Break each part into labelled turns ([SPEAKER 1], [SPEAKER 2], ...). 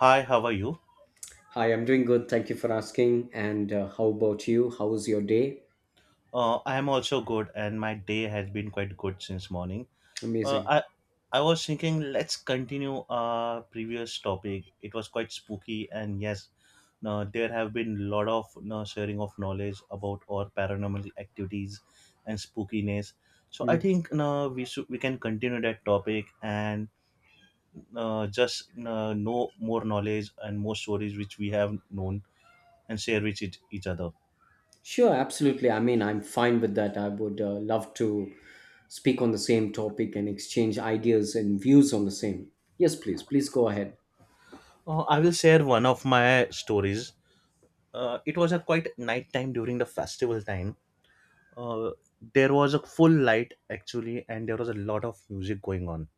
[SPEAKER 1] Hi, how are you?
[SPEAKER 2] Hi, I'm doing good. Thank you for asking. And how about you? How was your day?
[SPEAKER 1] I am also good, and my day has been quite good since morning. Uh,
[SPEAKER 2] Amazing.
[SPEAKER 1] I I was thinking let's continue our previous topic. It was quite spooky, and yes, no, there have been a lot of no, sharing of knowledge about our paranormal activities and spookiness. So I
[SPEAKER 2] Hmm.
[SPEAKER 1] think no, we should we can continue that topic and just no, know more knowledge and more stories which we have known and share with each other.
[SPEAKER 2] Sure, absolutely. I mean, I'm fine with that. I would love to speak on the same topic and exchange ideas and views on the same. Yes, please. Please go ahead.
[SPEAKER 1] I will share one of my stories. It was a quite night time during the festival time. Uh, there was a full light actually, and there was a lot of music going on,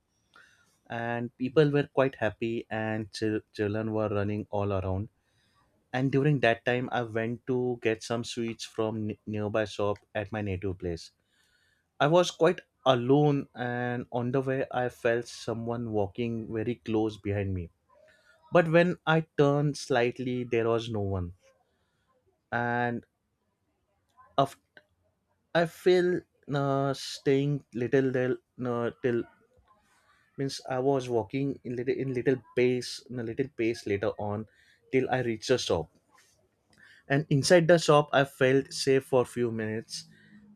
[SPEAKER 1] and people were quite happy, and children were running all around. And during that time, I went to get some sweets from nearby shop at my native place. I was quite alone, and on the way, I felt someone walking very close behind me. But when I turned slightly, there was no one and of I feel staying little there till means I was walking in little pace later on till I reached the shop, and inside the shop I felt safe for few minutes.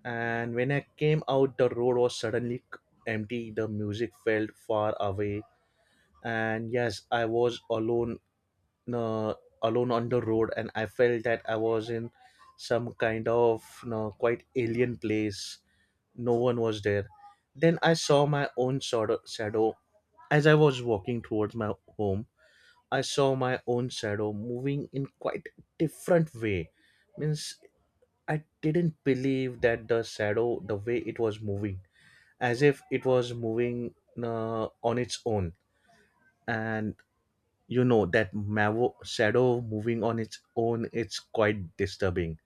[SPEAKER 1] And when I came out, the road was suddenly empty, the music felt far away, and yes, I was alone, uh, alone on the road, and I felt that I was in some kind of quite alien place. No one was there. Then I saw my own shadow as I was walking towards my home. I saw my own shadow moving in quite different way. Means I didn't believe that the shadow, the way it was moving, as if it was moving on its own. And you know that shadow moving on its own, it's quite disturbing.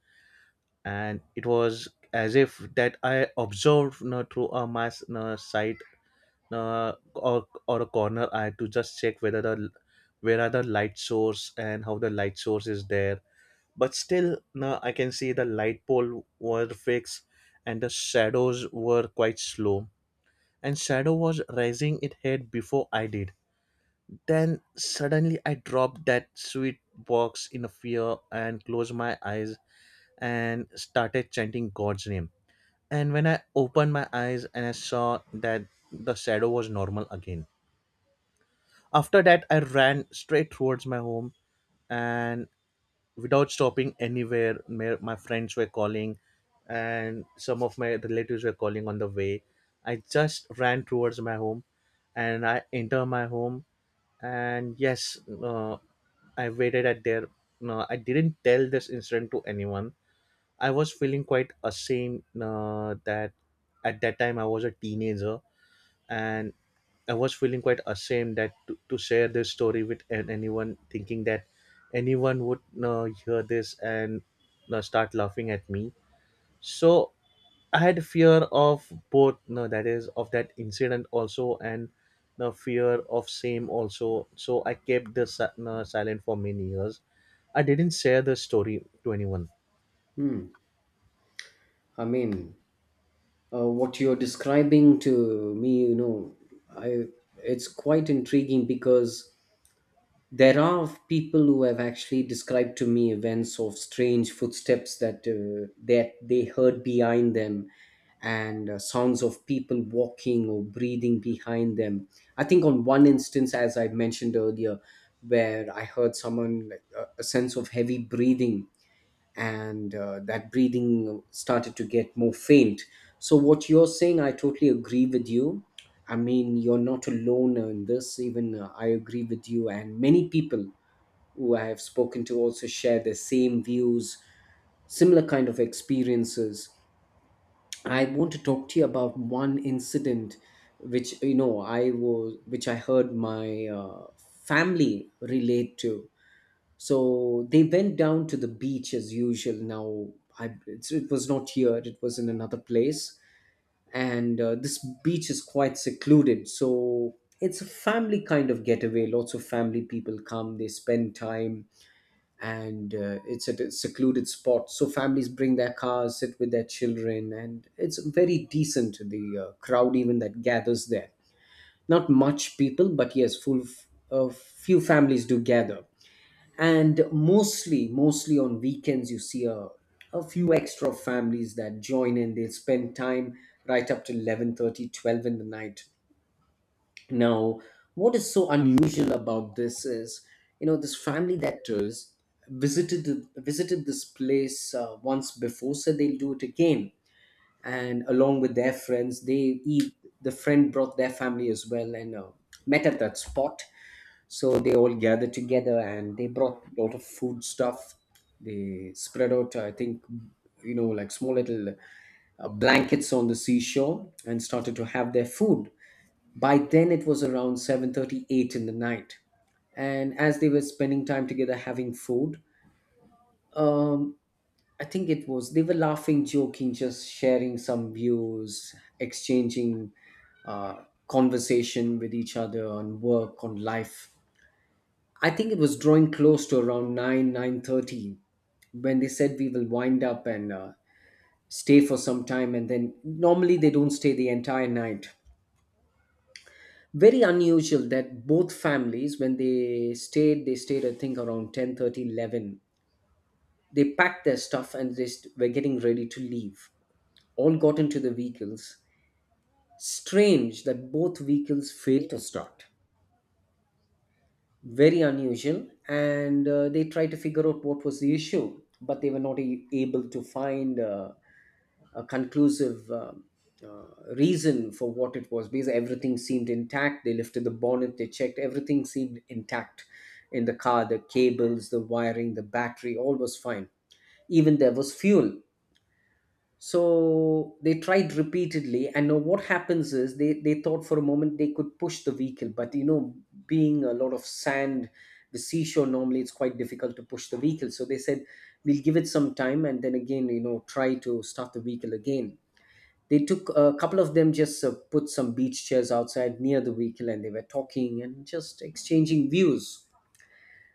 [SPEAKER 1] And it was as if that I observed you through a mass sight or a corner eye to just check whether the where are the light source and how the light source is there, but still no, I can see the light pole were fixed, and the shadows were quite slow, and shadow was raising its head before I did. Then suddenly I dropped that sweet box in a fear and closed my eyes and started chanting god's name, and when I opened my eyes and I saw that the shadow was normal again. After that, I ran straight towards my home and without stopping anywhere. My friends were calling, and some of my relatives were calling on the way. I just ran towards my home and I enter my home. And yes, I waited at there. No, I didn't tell this incident to anyone. I was feeling quite ashamed that at that time I was a teenager, and I was feeling quite ashamed that to share this story with anyone, thinking that anyone would hear this and start laughing at me. So I had fear of both, no that is of that incident also, and the fear of same also, so I kept the si- no, silent for many years. I didn't share the story to anyone.
[SPEAKER 2] Hmm. I mean, what you're describing to me, you know, I it's quite intriguing because there are people who have actually described to me events of strange footsteps that they heard behind them and sounds of people walking or breathing behind them. I think on one instance, as I mentioned earlier, where I heard someone like a sense of heavy breathing, and that breathing started to get more faint. So, what you're saying, I totally agree with you. I mean, you're not alone in this. Even I agree with you. And many people who I have spoken to also share the same views, similar kind of experiences. I want to talk to you about one incident which you know I was which I heard my family relate to. So they went down to the beach as usual. Now, it was not here, it was in another place. And this beach is quite secluded. So it's a family kind of getaway. Lots of family people come, they spend time, and it's at a secluded spot. So families bring their cars, sit with their children, and it's very decent, the crowd even that gathers there. Not much people, but yes, a few families do gather, and mostly on weekends you see a few extra families that join in. They spend time right up to 11:30, 12 in the night. Now, what is so unusual about this is, you know, this family that visited this place once before, so they'll do it again. And along with their friends, the friend brought their family as well, and met at that spot. So they all gathered together, and they brought a lot of food stuff. They spread out, I think, you know, like small little blankets on the seashore, and started to have their food. By then it was around 7:38 in the night, and as they were spending time together having food, um, I think it was, they were laughing, joking, just sharing some views, exchanging conversation with each other on work, on life. I think it was drawing close to around nine thirty when they said we will wind up and stay for some time, and then normally they don't stay the entire night. Very unusual that both families, when they stayed I think around 10:30, eleven. They packed their stuff and were getting ready to leave. All got into the vehicles. Strange that both vehicles failed to start. Very unusual. And they tried to figure out what was the issue, but they were not able to find a conclusive reason for what it was, because everything seemed intact. They lifted the bonnet, they checked, everything seemed intact in the car, the cables, the wiring, the battery, all was fine. Even there was fuel. So they tried repeatedly, and now what happens is they thought for a moment they could push the vehicle, but you know, being a lot of sand, the seashore normally it's quite difficult to push the vehicle. So they said, we'll give it some time and then again, you know, try to start the vehicle again. They took a couple of them, just put some beach chairs outside near the vehicle, and they were talking and just exchanging views.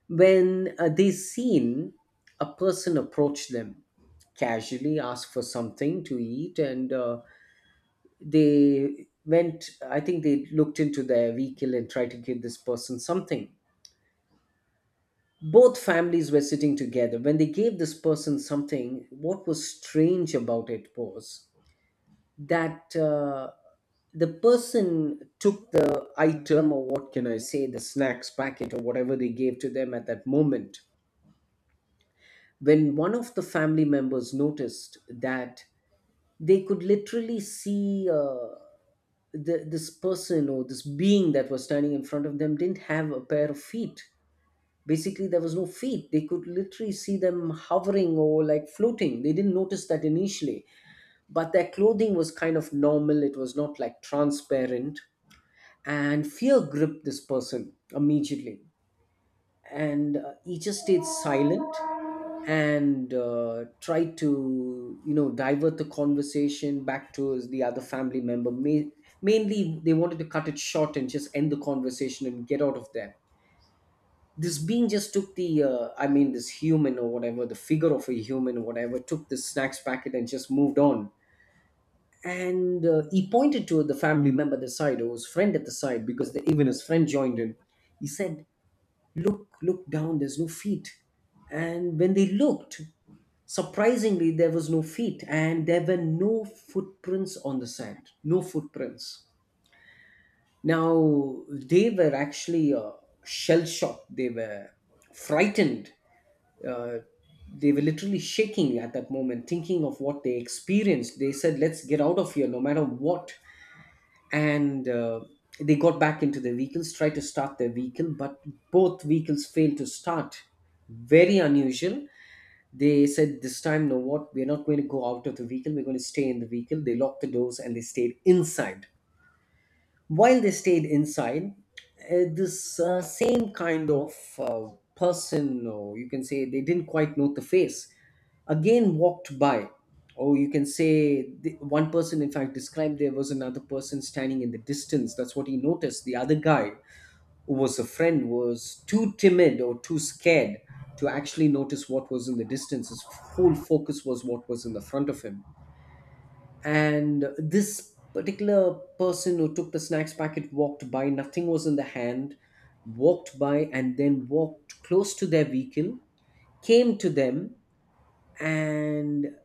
[SPEAKER 2] When they seen a person approach them casually, ask for something to eat, and they went, I think they looked into their vehicle and tried to give this person something. Both families were sitting together when they gave this person something. What was strange about it was that the person took the item, or what can I say, the snacks packet or whatever they gave to them. At that moment, when one of the family members noticed that, they could literally see this person or this being that was standing in front of them didn't have a pair of feet. Basically, there was no feet. They could literally see them hovering or like floating. They didn't notice that initially, but their clothing was kind of normal. It was not like transparent. And fear gripped this person immediately. And he just stayed silent, and try to, you know, divert the conversation back to the other family member. Mainly they wanted to cut it short and just end the conversation and get out of there. This being just took the I mean, this human or whatever, the figure of a human or whatever, took the snacks packet and just moved on. And he pointed to the family member at the side, or his friend at the side, because even his friend joined in. He said, look, look down, there's no feet. And when they looked, surprisingly, there was no feet and there were no footprints on the sand. No footprints. Now, they were actually shell shocked. They were frightened. Uh, they were literally shaking at that moment, thinking of what they experienced. They said, let's get out of here no matter what. And they got back into their vehicles, tried to start their vehicle, but both vehicles failed to start. Very unusual. They said this time, no, what, we're not going to go out of the vehicle, we're going to stay in the vehicle. They locked the doors and they stayed inside. While they stayed inside, this same kind of uh, person, or you can say they didn't quite know the face, again walked by. Or you can say one person in fact described there was another person standing in the distance. That's what he noticed. The other guy, who was a friend, was too timid or too scared to actually notice what was in the distance. His whole focus was what was in the front of him. And this particular person who took the snacks packet walked by, nothing was in the hand, walked by, and then walked close to their vehicle, came to them, and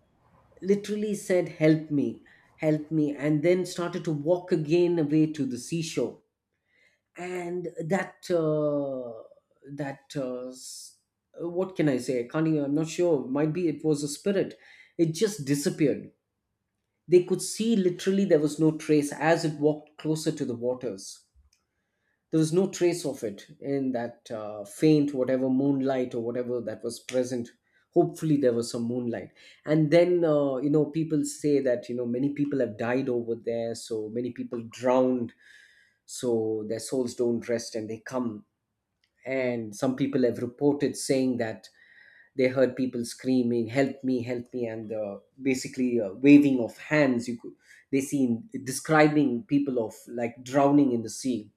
[SPEAKER 2] literally said, help me, help me, and then started to walk again away to the seashore. And that uh, s- what can I say, I can't even, I'm not sure, might be it was a spirit. It just disappeared. They could see literally there was no trace as it walked closer to the waters. There was no trace of it in that faint, whatever moonlight or whatever that was present. Hopefully there was some moonlight. And then you know, people say that, you know, many people have died over there, so many people drowned, so their souls don't rest and they come. And some people have reported saying that they heard people screaming, help me, help me, and basically waving of hands. You could, they seen describing people of like drowning in the sea.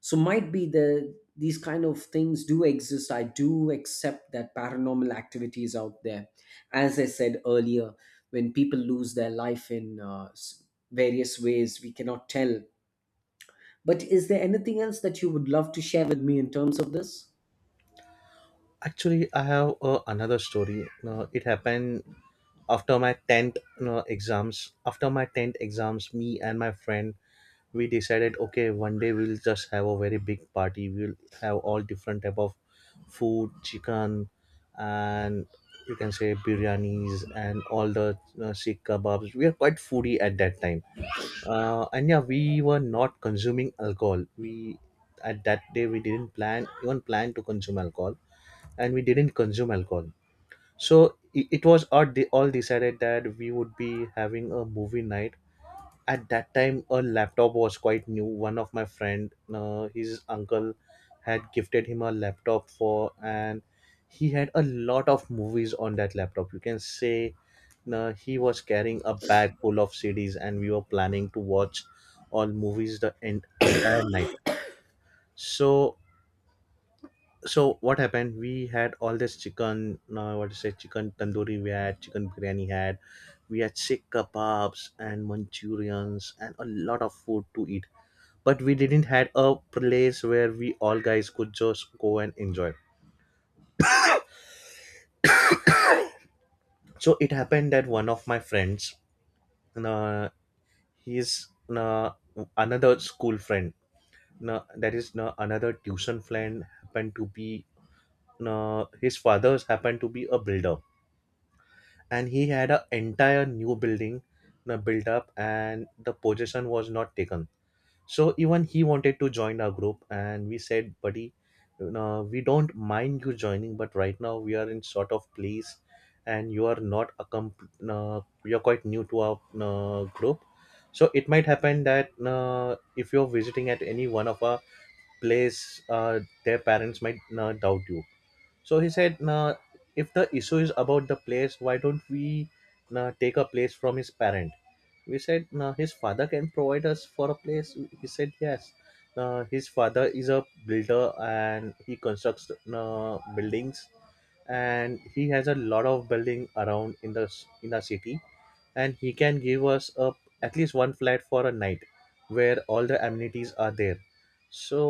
[SPEAKER 2] So might be these kind of things do exist. I do accept that paranormal activity is out there. As I said earlier, when people lose their life in various ways, we cannot tell. But is there anything else that you would love to share with me in terms of this?
[SPEAKER 1] Actually, I have another story. It happened after my 10th you exams. After my 10th exams, me and my friend, we decided okay, one day we'll just have a very big party. We'll have all different type of food, chicken and, you can say, biryanis and all the you sikh kebabs. We are quite foodie at that time. And yeah, we were not consuming alcohol. We at that day we didn't plan to consume alcohol, and we didn't consume alcohol. So it was all decided that we would be having a movie night. At that time, a laptop was quite new. One of my friend, his uncle, had gifted him a laptop for, and he had a lot of movies on that laptop. You can say he was carrying a bag full of CDs, and we were planning to watch all movies the entire night. So so what happened, we had all this chicken, what to say, chicken tandoori, we had chicken biryani, had we had sikh kebabs and manchurians and a lot of food to eat, but we didn't had a place where we all guys could just go and enjoy. So it happened that one of my friends, uh, he's uh, another school friend, that is another tuition friend, happened to be, his father's happened to be a builder, and he had an entire new building built up and the possession was not taken. So even he wanted to join our group, and we said, buddy, you know, we don't mind you joining, but right now we are in sort of place, and you are not a you're quite new to our group. So it might happen that if you're visiting at any one of our place, their parents might doubt you. So he said, nah, if the issue is about the place, why don't we, nah, take a place from his parent? We said, nah, his father can provide us for a place. He said, yes. Nah, his father is a builder and he constructs, nah, buildings, and he has a lot of building around in in the city, and he can give us a, at least one flat for a night where all the amenities are there. So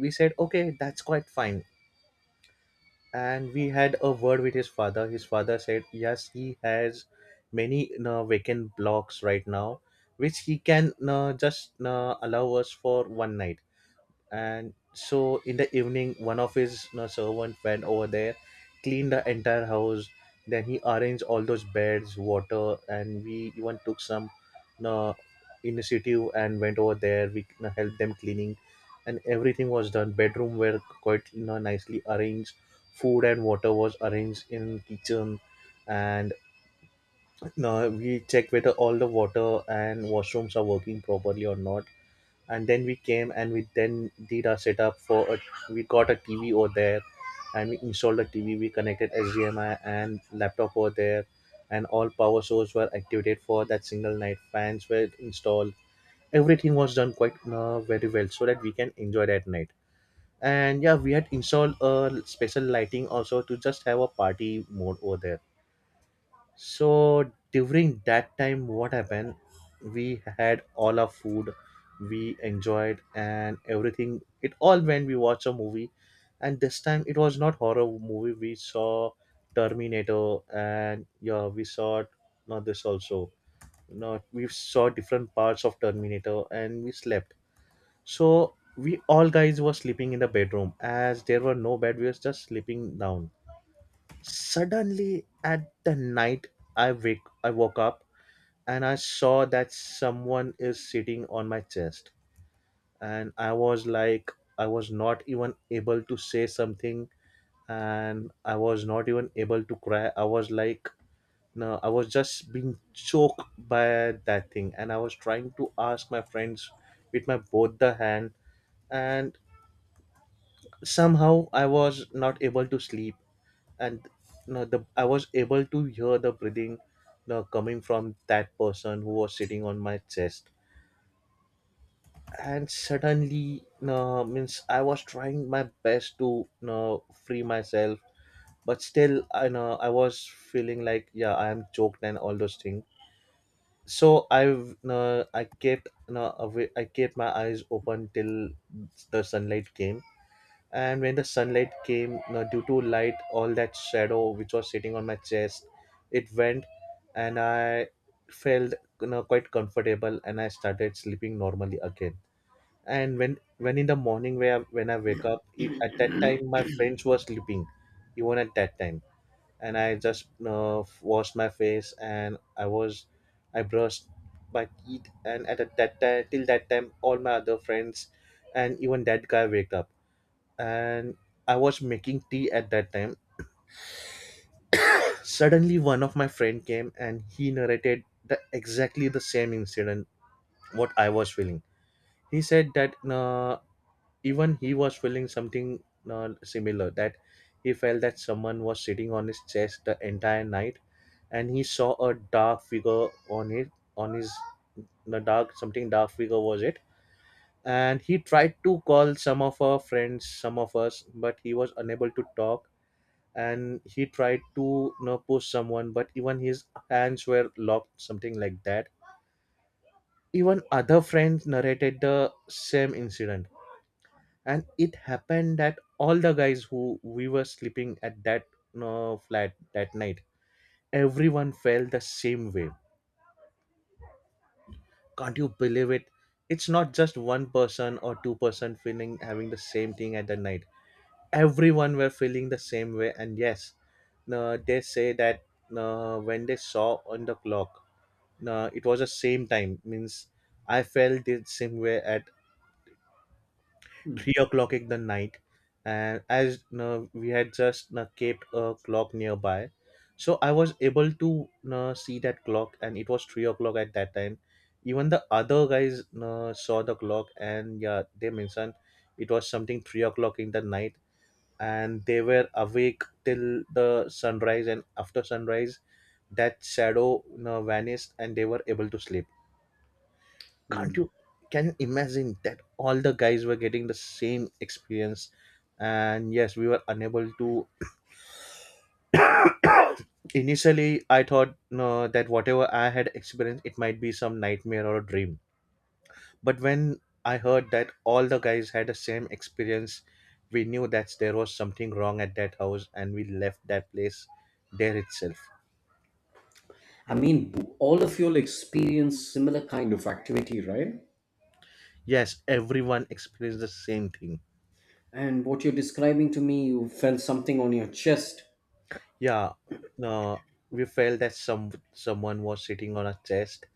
[SPEAKER 1] we said, okay, that's quite fine. And we had a word with his father. His father said, yes, he has many vacant blocks right now which he can just allow us for one night. And so in the evening, one of his, you know, servant went over there, cleaned the entire house. Then he arranged all those beds, water, and we even took some, you know, initiative and went over there, we, you know, helped them cleaning, and everything was done. Bedroom were quite, you know, nicely arranged. Food and water was arranged in kitchen, and, you know, we checked whether all the water and washrooms are working properly or not. And then we came and we then did our setup for a, we got a tv over there, and we installed a tv, we connected hdmi and laptop over there, and all power sources were activated for that single night. Fans were installed, everything was done quite very well so that we can enjoy that night. And yeah, we had installed a special lighting also to just have a party mode over there. So during that time, what happened? We had all our food, we enjoyed and everything. It all when we watched a movie, and this time it was not horror movie. We saw Terminator, and yeah, we saw not this also. No, we saw different parts of Terminator, and we slept. So we all guys were sleeping in the bedroom as there were no bed. We were just sleeping down. Suddenly at the night, I woke up and I saw that someone is sitting on my chest, and I was like, I was not even able to say something, and I was not even able to cry. I was like, no, I was just being choked by that thing, and I was trying to ask my friends with my both the hand, and somehow I was not able to sleep. And you know, the I was able to hear the breathing, you know, coming from that person who was sitting on my chest. And suddenly, you know, means I was trying my best to, you know, free myself, but still, I know I was feeling like yeah, I am choked and all those things. So I kept, you know, away, I kept my eyes open till the sunlight came. And when the sunlight came, you due to light, all that shadow which was sitting on my chest, it went, and I felt, you know, quite comfortable, and I started sleeping normally again. And when in the morning where when I wake up, at that time my friends were sleeping even at that time. And I just you washed my face and I brushed my teeth, and at that time, till that time, all my other friends and even that guy wake up, and I was making tea at that time. Suddenly, one of my friend came and he narrated the exactly the same incident what I was feeling. He said that even he was feeling something similar, that he felt that someone was sitting on his chest the entire night, and he saw a dark figure on it, on his the dark something dark figure was it. And he tried to call some of our friends, some of us, but he was unable to talk, and he tried to push someone, but even his hands were locked, something like that. Even other friends narrated the same incident, and it happened that all the guys who we were sleeping at that, flat that night, everyone felt the same way. Can't you believe it? It's not just one person or two-person feeling having the same thing at the night. Everyone were feeling the same way, and yes, no, they say that, no, when they saw on the clock, it was the same time, means I felt it same way at three o'clock in the night. And as we had just kept a clock nearby, so I was able to see that clock, and it was three o'clock at that time. Even the other guys saw the clock, and yeah, they mentioned it was something three o'clock in the night. And they were awake till the sunrise, and after sunrise that shadow, vanished, and they were able to sleep. Can't
[SPEAKER 2] Hmm.
[SPEAKER 1] you Can you imagine that all the guys were getting the same experience? And yes, we were unable to. Initially I thought, no, that whatever I had experienced, it might be some nightmare or a dream. But when I heard that all the guys had the same experience, we knew that there was something wrong at that house, and we left that place there itself.
[SPEAKER 2] I mean, all of you'll experience similar kind of activity, right?
[SPEAKER 1] Yes, everyone experienced the same thing.
[SPEAKER 2] And what you're describing to me, you felt something on your chest.
[SPEAKER 1] Yeah, uh, we felt that someone was sitting on our chest,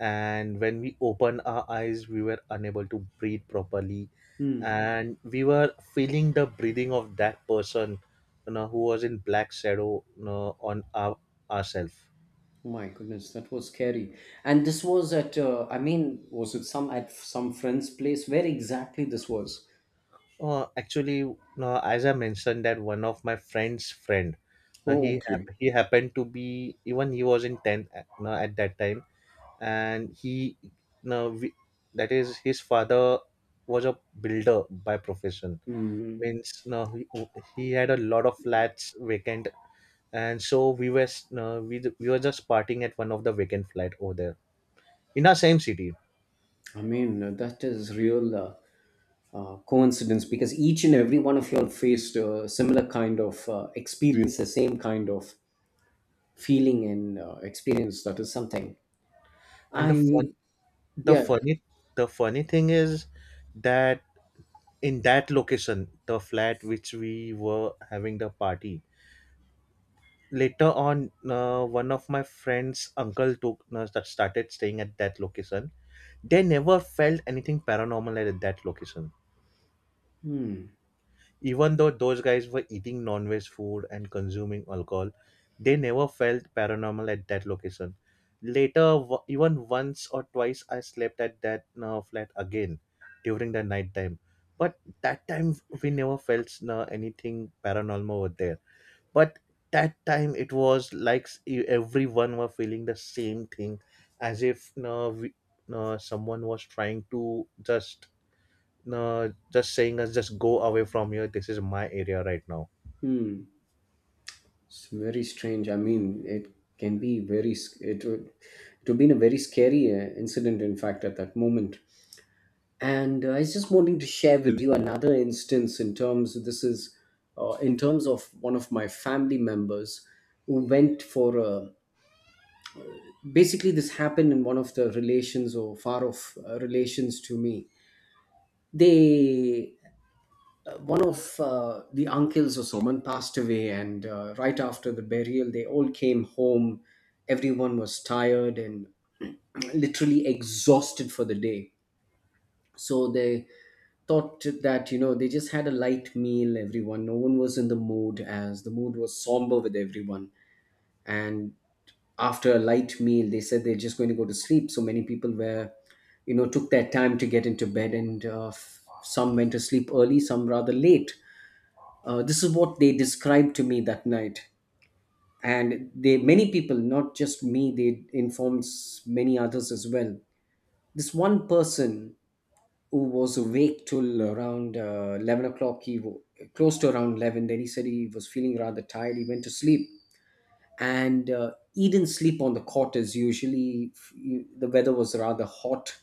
[SPEAKER 1] and when we opened our eyes, we were unable to breathe properly,
[SPEAKER 2] Hmm.
[SPEAKER 1] and we were feeling the breathing of that person, you know, who was in black shadow, you know, on our ourselves.
[SPEAKER 2] Oh my goodness, that was scary. And this was at, I mean, was it some at some friend's place? Where exactly this was?
[SPEAKER 1] Actually, you know, as I mentioned, that one of my friend's friend, you know,
[SPEAKER 2] Oh, okay.
[SPEAKER 1] he happened to be, even he was in tenth at, at that time. And he, now we, that is his father was a builder by profession,
[SPEAKER 2] Hmm.
[SPEAKER 1] means no, he, he had a lot of flats vacant, and so no, we were just partying at one of the vacant flat over there in our same city.
[SPEAKER 2] I mean, that is real coincidence, because each and every one of you all faced a similar kind of experience, the same kind of feeling and experience. That is something.
[SPEAKER 1] And
[SPEAKER 2] I
[SPEAKER 1] the
[SPEAKER 2] Yeah.
[SPEAKER 1] funny the funny thing is that in that location, the flat which we were having the party, later on one of my friends uncle took started staying at that location. They never felt anything paranormal at that location.
[SPEAKER 2] Hmm.
[SPEAKER 1] Even though those guys were eating non veg food and consuming alcohol, they never felt paranormal at that location. Later, even once or twice, I slept at that flat again during the night time. But that time, we never felt anything paranormal over there. But that time, it was like everyone were feeling the same thing, as if someone was trying to just, no, just saying us, just go away from here, this is my area right now.
[SPEAKER 2] Hmm. It's very strange. I mean, it can be very. Sc- it would, it would been a very scary incident, in fact, at that moment. And I was just wanting to share with you another instance in terms. This is in terms of one of my family members who went for a. Basically, this happened in one of the relations or far off relations to me. They one of the uncles or someone passed away, and right after the burial they all came home. Everyone was tired and literally exhausted for the day, so they thought that, you know, they just had a light meal. Everyone, no one was in the mood, as the mood was somber with everyone. And after a light meal they said they're just going to go to sleep, so many people were, you know, took their time to get into bed and some went to sleep early, some rather late. This is what they described to me that night, and they, many people, not just me, they informed many others as well. This one person who was awake till around 11 o'clock, close to around 11. Then he said he was feeling rather tired. He went to sleep, and he didn't sleep on the cot as usually. The weather was rather hot,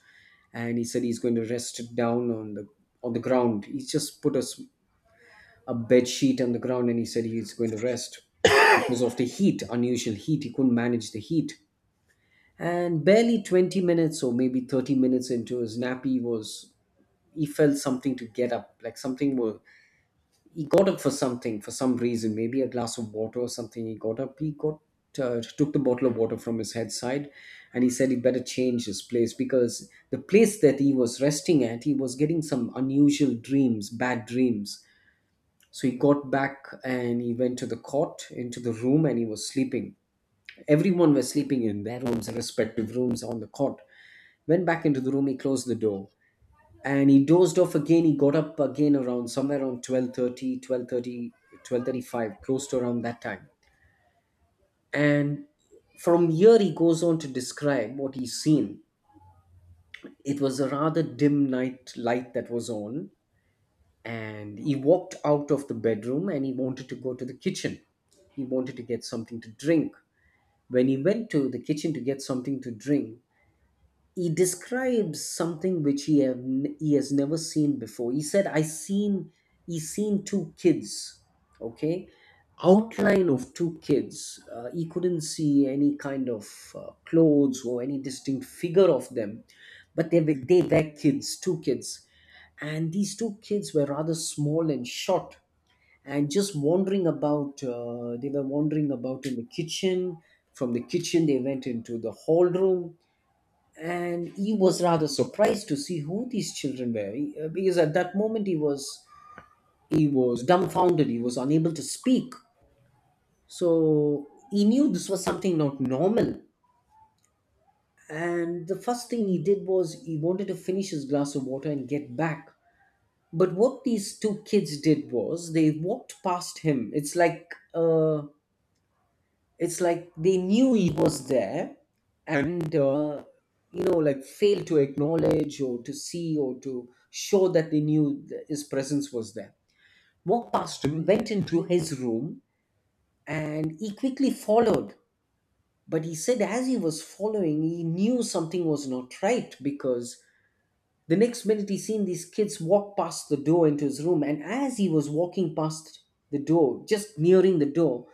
[SPEAKER 2] and he said he's going to rest down on the ground. He just put a bed sheet on the ground and he said he's going to rest because of the heat, unusual heat. He couldn't manage the heat. And barely 20 minutes, or maybe 30 minutes into his nap, he was, he felt something to get up, like something was, he got up for something, for some reason, maybe a glass of water or something. He got up, he got took the bottle of water from his head side, and he said he better change his place, because the place that he was resting at, he was getting some unusual dreams, bad dreams. So he got back and he went to the cot, into the room, and he was sleeping. Everyone was sleeping in their rooms, their respective rooms, on the cot. Went back into the room, he closed the door. And he dozed off again. He got up again around, somewhere around 12:30, 12:35, close to around that time. And from here, he goes on to describe what he's seen. It was a rather dim night light that was on, and he walked out of the bedroom and he wanted to go to the kitchen, he wanted to get something to drink. When he went to the kitchen to get something to drink, he describes something which he has never seen before. He said, "I seen, he seen two kids, okay, outline of two kids. He couldn't see any kind of clothes or any distinct figure of them, but they were kids, two kids, and these two kids were rather small and short, and just wandering about. They were wandering about in the kitchen. From the kitchen, they went into the hall room, and he was rather surprised to see who these children were. Because at that moment he was, he was dumbfounded, he was unable to speak, so he knew this was something not normal. And the first thing he did was he wanted to finish his glass of water and get back. But what these two kids did was they walked past him. It's like a, it's like they knew he was there, and, you know, like failed to acknowledge or to see or to show that they knew that his presence was there. Walked past him, went into his room, and he quickly followed. But he said as he was following, he knew something was not right, because the next minute he seen these kids walk past the door into his room. And as he was walking past the door, just nearing the door,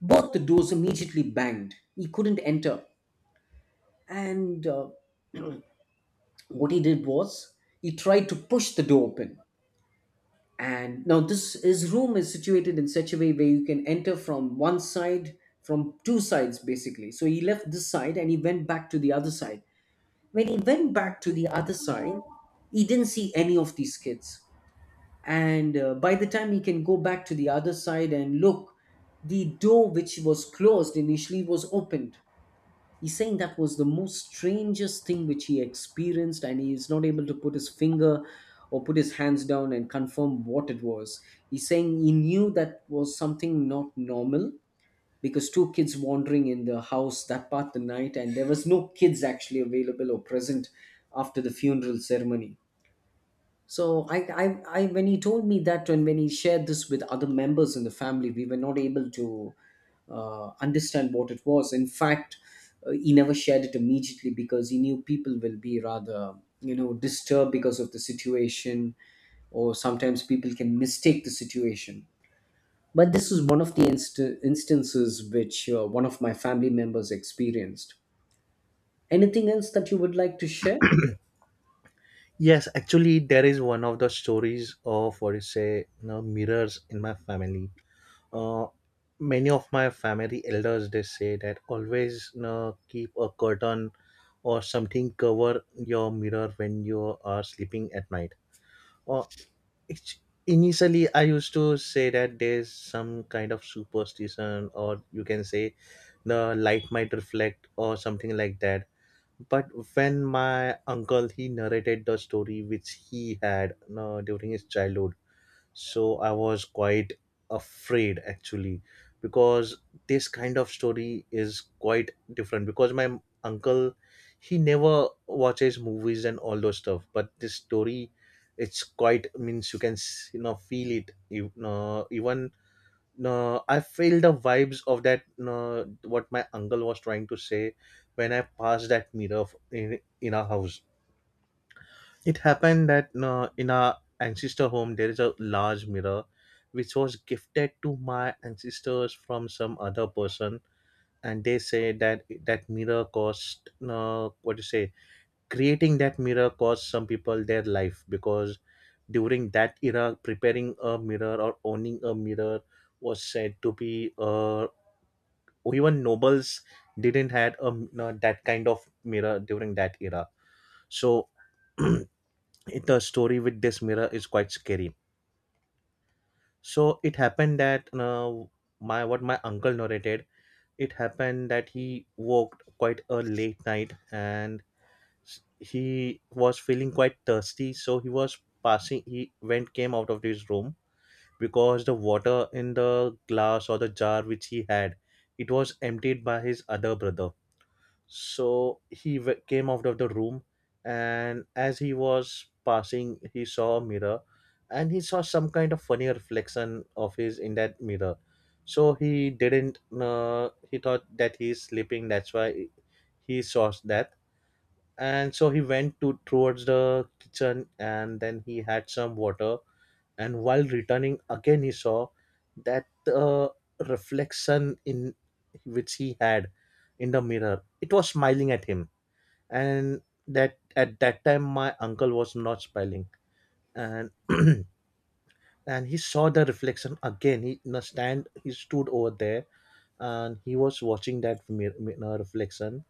[SPEAKER 2] both the doors immediately banged. He couldn't enter. And What he did was, he tried to push the door open. And now this, his room is situated in such a way where you can enter from one side, from two sides basically. So he left this side and he went back to the other side. When he went back to the other side, he didn't see any of these kids. And by the time he can go back to the other side and look, the door which was closed initially was opened. He's saying that was the most strangest thing which he experienced, and he is not able to put his finger or put his hands down and confirm what it was. He's saying he knew that was something not normal, because two kids wandering in the house that part the night, and there was no kids actually available or present after the funeral ceremony. So when he told me that, and when he shared this with other members in the family, we were not able to understand what it was. In fact, he never shared it immediately because he knew people will be rather, you know, disturbed because of the situation, or sometimes people can mistake the situation. But this is one of the instances which one of my family members experienced. Anything else that you would like to share?
[SPEAKER 1] Yes, actually, there is one of the stories of what you say, you know, mirrors in my family. uh, Many of my family elders, they say that always, you know, keep a curtain or something, cover your mirror when you are sleeping at night. Or it's, initially I used to say that there's some kind of superstition, or you can say the light might reflect or something like that. But when my uncle, he narrated the story which he had during his childhood, so I was quite afraid actually, because this kind of story is quite different, because my uncle, he never watches movies and all those stuff, but this story, it's quite, means you can, you know, feel it, you know, even I feel the vibes of that, what my uncle was trying to say when I passed that mirror, in our house. It happened that in our ancestor home there is a large mirror which was gifted to my ancestors from some other person, and they say that that mirror cost, what do you say, creating that mirror cost some people their life, because during that era, preparing a mirror or owning a mirror was said to be a, even nobles didn't had a that kind of mirror during that era. So it, the story with this mirror is quite scary. So it happened that my, what my uncle narrated, it happened that he walked quite a late night, and he was feeling quite thirsty, so he was passing, he went, came out of his room, because the water in the glass or the jar which he had, it was emptied by his other brother. So came out of the room, and as he was passing, he saw a mirror, and he saw some kind of funny reflection of his in that mirror. So he didn't, he thought that he's sleeping, that's why he saw that. And so he went to towards the kitchen, and then he had some water. And while returning, again he saw that, uh, reflection in, which he had, in the mirror. It was smiling at him, and that at that time my uncle was not smiling. And and he saw the reflection again, he in a stand, he stood over there, and he was watching that mirror reflection.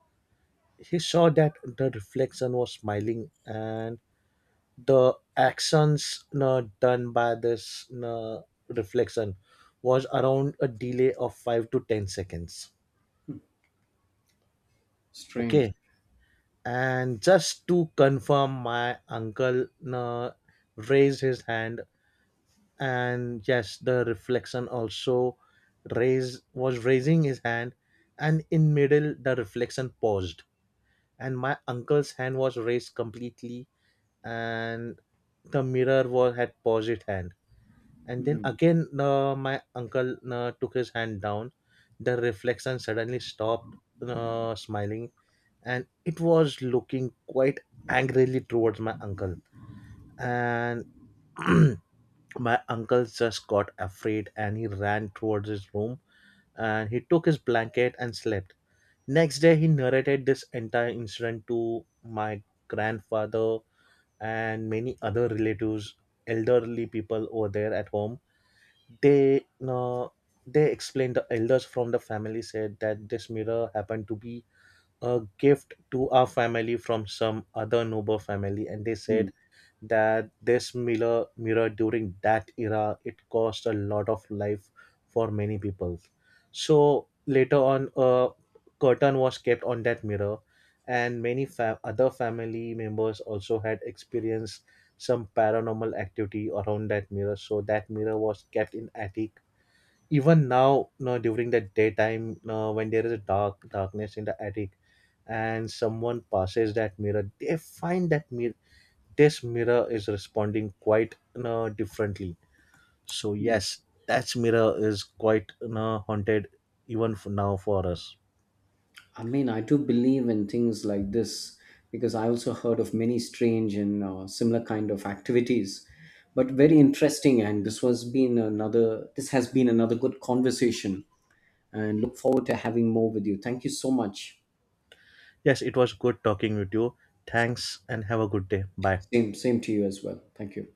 [SPEAKER 1] He saw that the reflection was smiling, and the actions, you know, done by this, you know, reflection, was around a delay of 5 to 10 seconds.
[SPEAKER 2] Strange.
[SPEAKER 1] Okay, and just to confirm, my uncle, you know, raised his hand, and yes, the reflection also, raise was raising his hand. And in middle the reflection paused, and my uncle's hand was raised completely, and the mirror was, had paused its hand. And then
[SPEAKER 2] Hmm.
[SPEAKER 1] again my uncle took his hand down. The reflection suddenly stopped smiling, and it was looking quite angrily towards my uncle, and my uncle just got afraid, and he ran towards his room, and he took his blanket and slept. Next day, he narrated this entire incident to my grandfather and many other relatives, elderly people over there at home. They, uh, they explained, the elders from the family said that this mirror happened to be a gift to our family from some other noble family, and they
[SPEAKER 2] Hmm.
[SPEAKER 1] said that this mirror during that era, it cost a lot of life for many people. So later on, a curtain was kept on that mirror, and many other family members also had experienced some paranormal activity around that mirror, so that mirror was kept in attic. Even now, no, during the daytime, no, when there is a darkness in the attic, and someone passes that mirror, they find that mirror, this mirror is responding quite differently. So yes, that mirror is quite haunted even now for us.
[SPEAKER 2] I mean, I do believe in things like this, because I also heard of many strange and similar kind of activities, but very interesting. And this was been another. This has been another good conversation, and look forward to having more with you. Thank you so much.
[SPEAKER 1] Yes, it was good talking with you. Thanks, and have a good day. Bye.
[SPEAKER 2] Same, same to you as well. Thank you.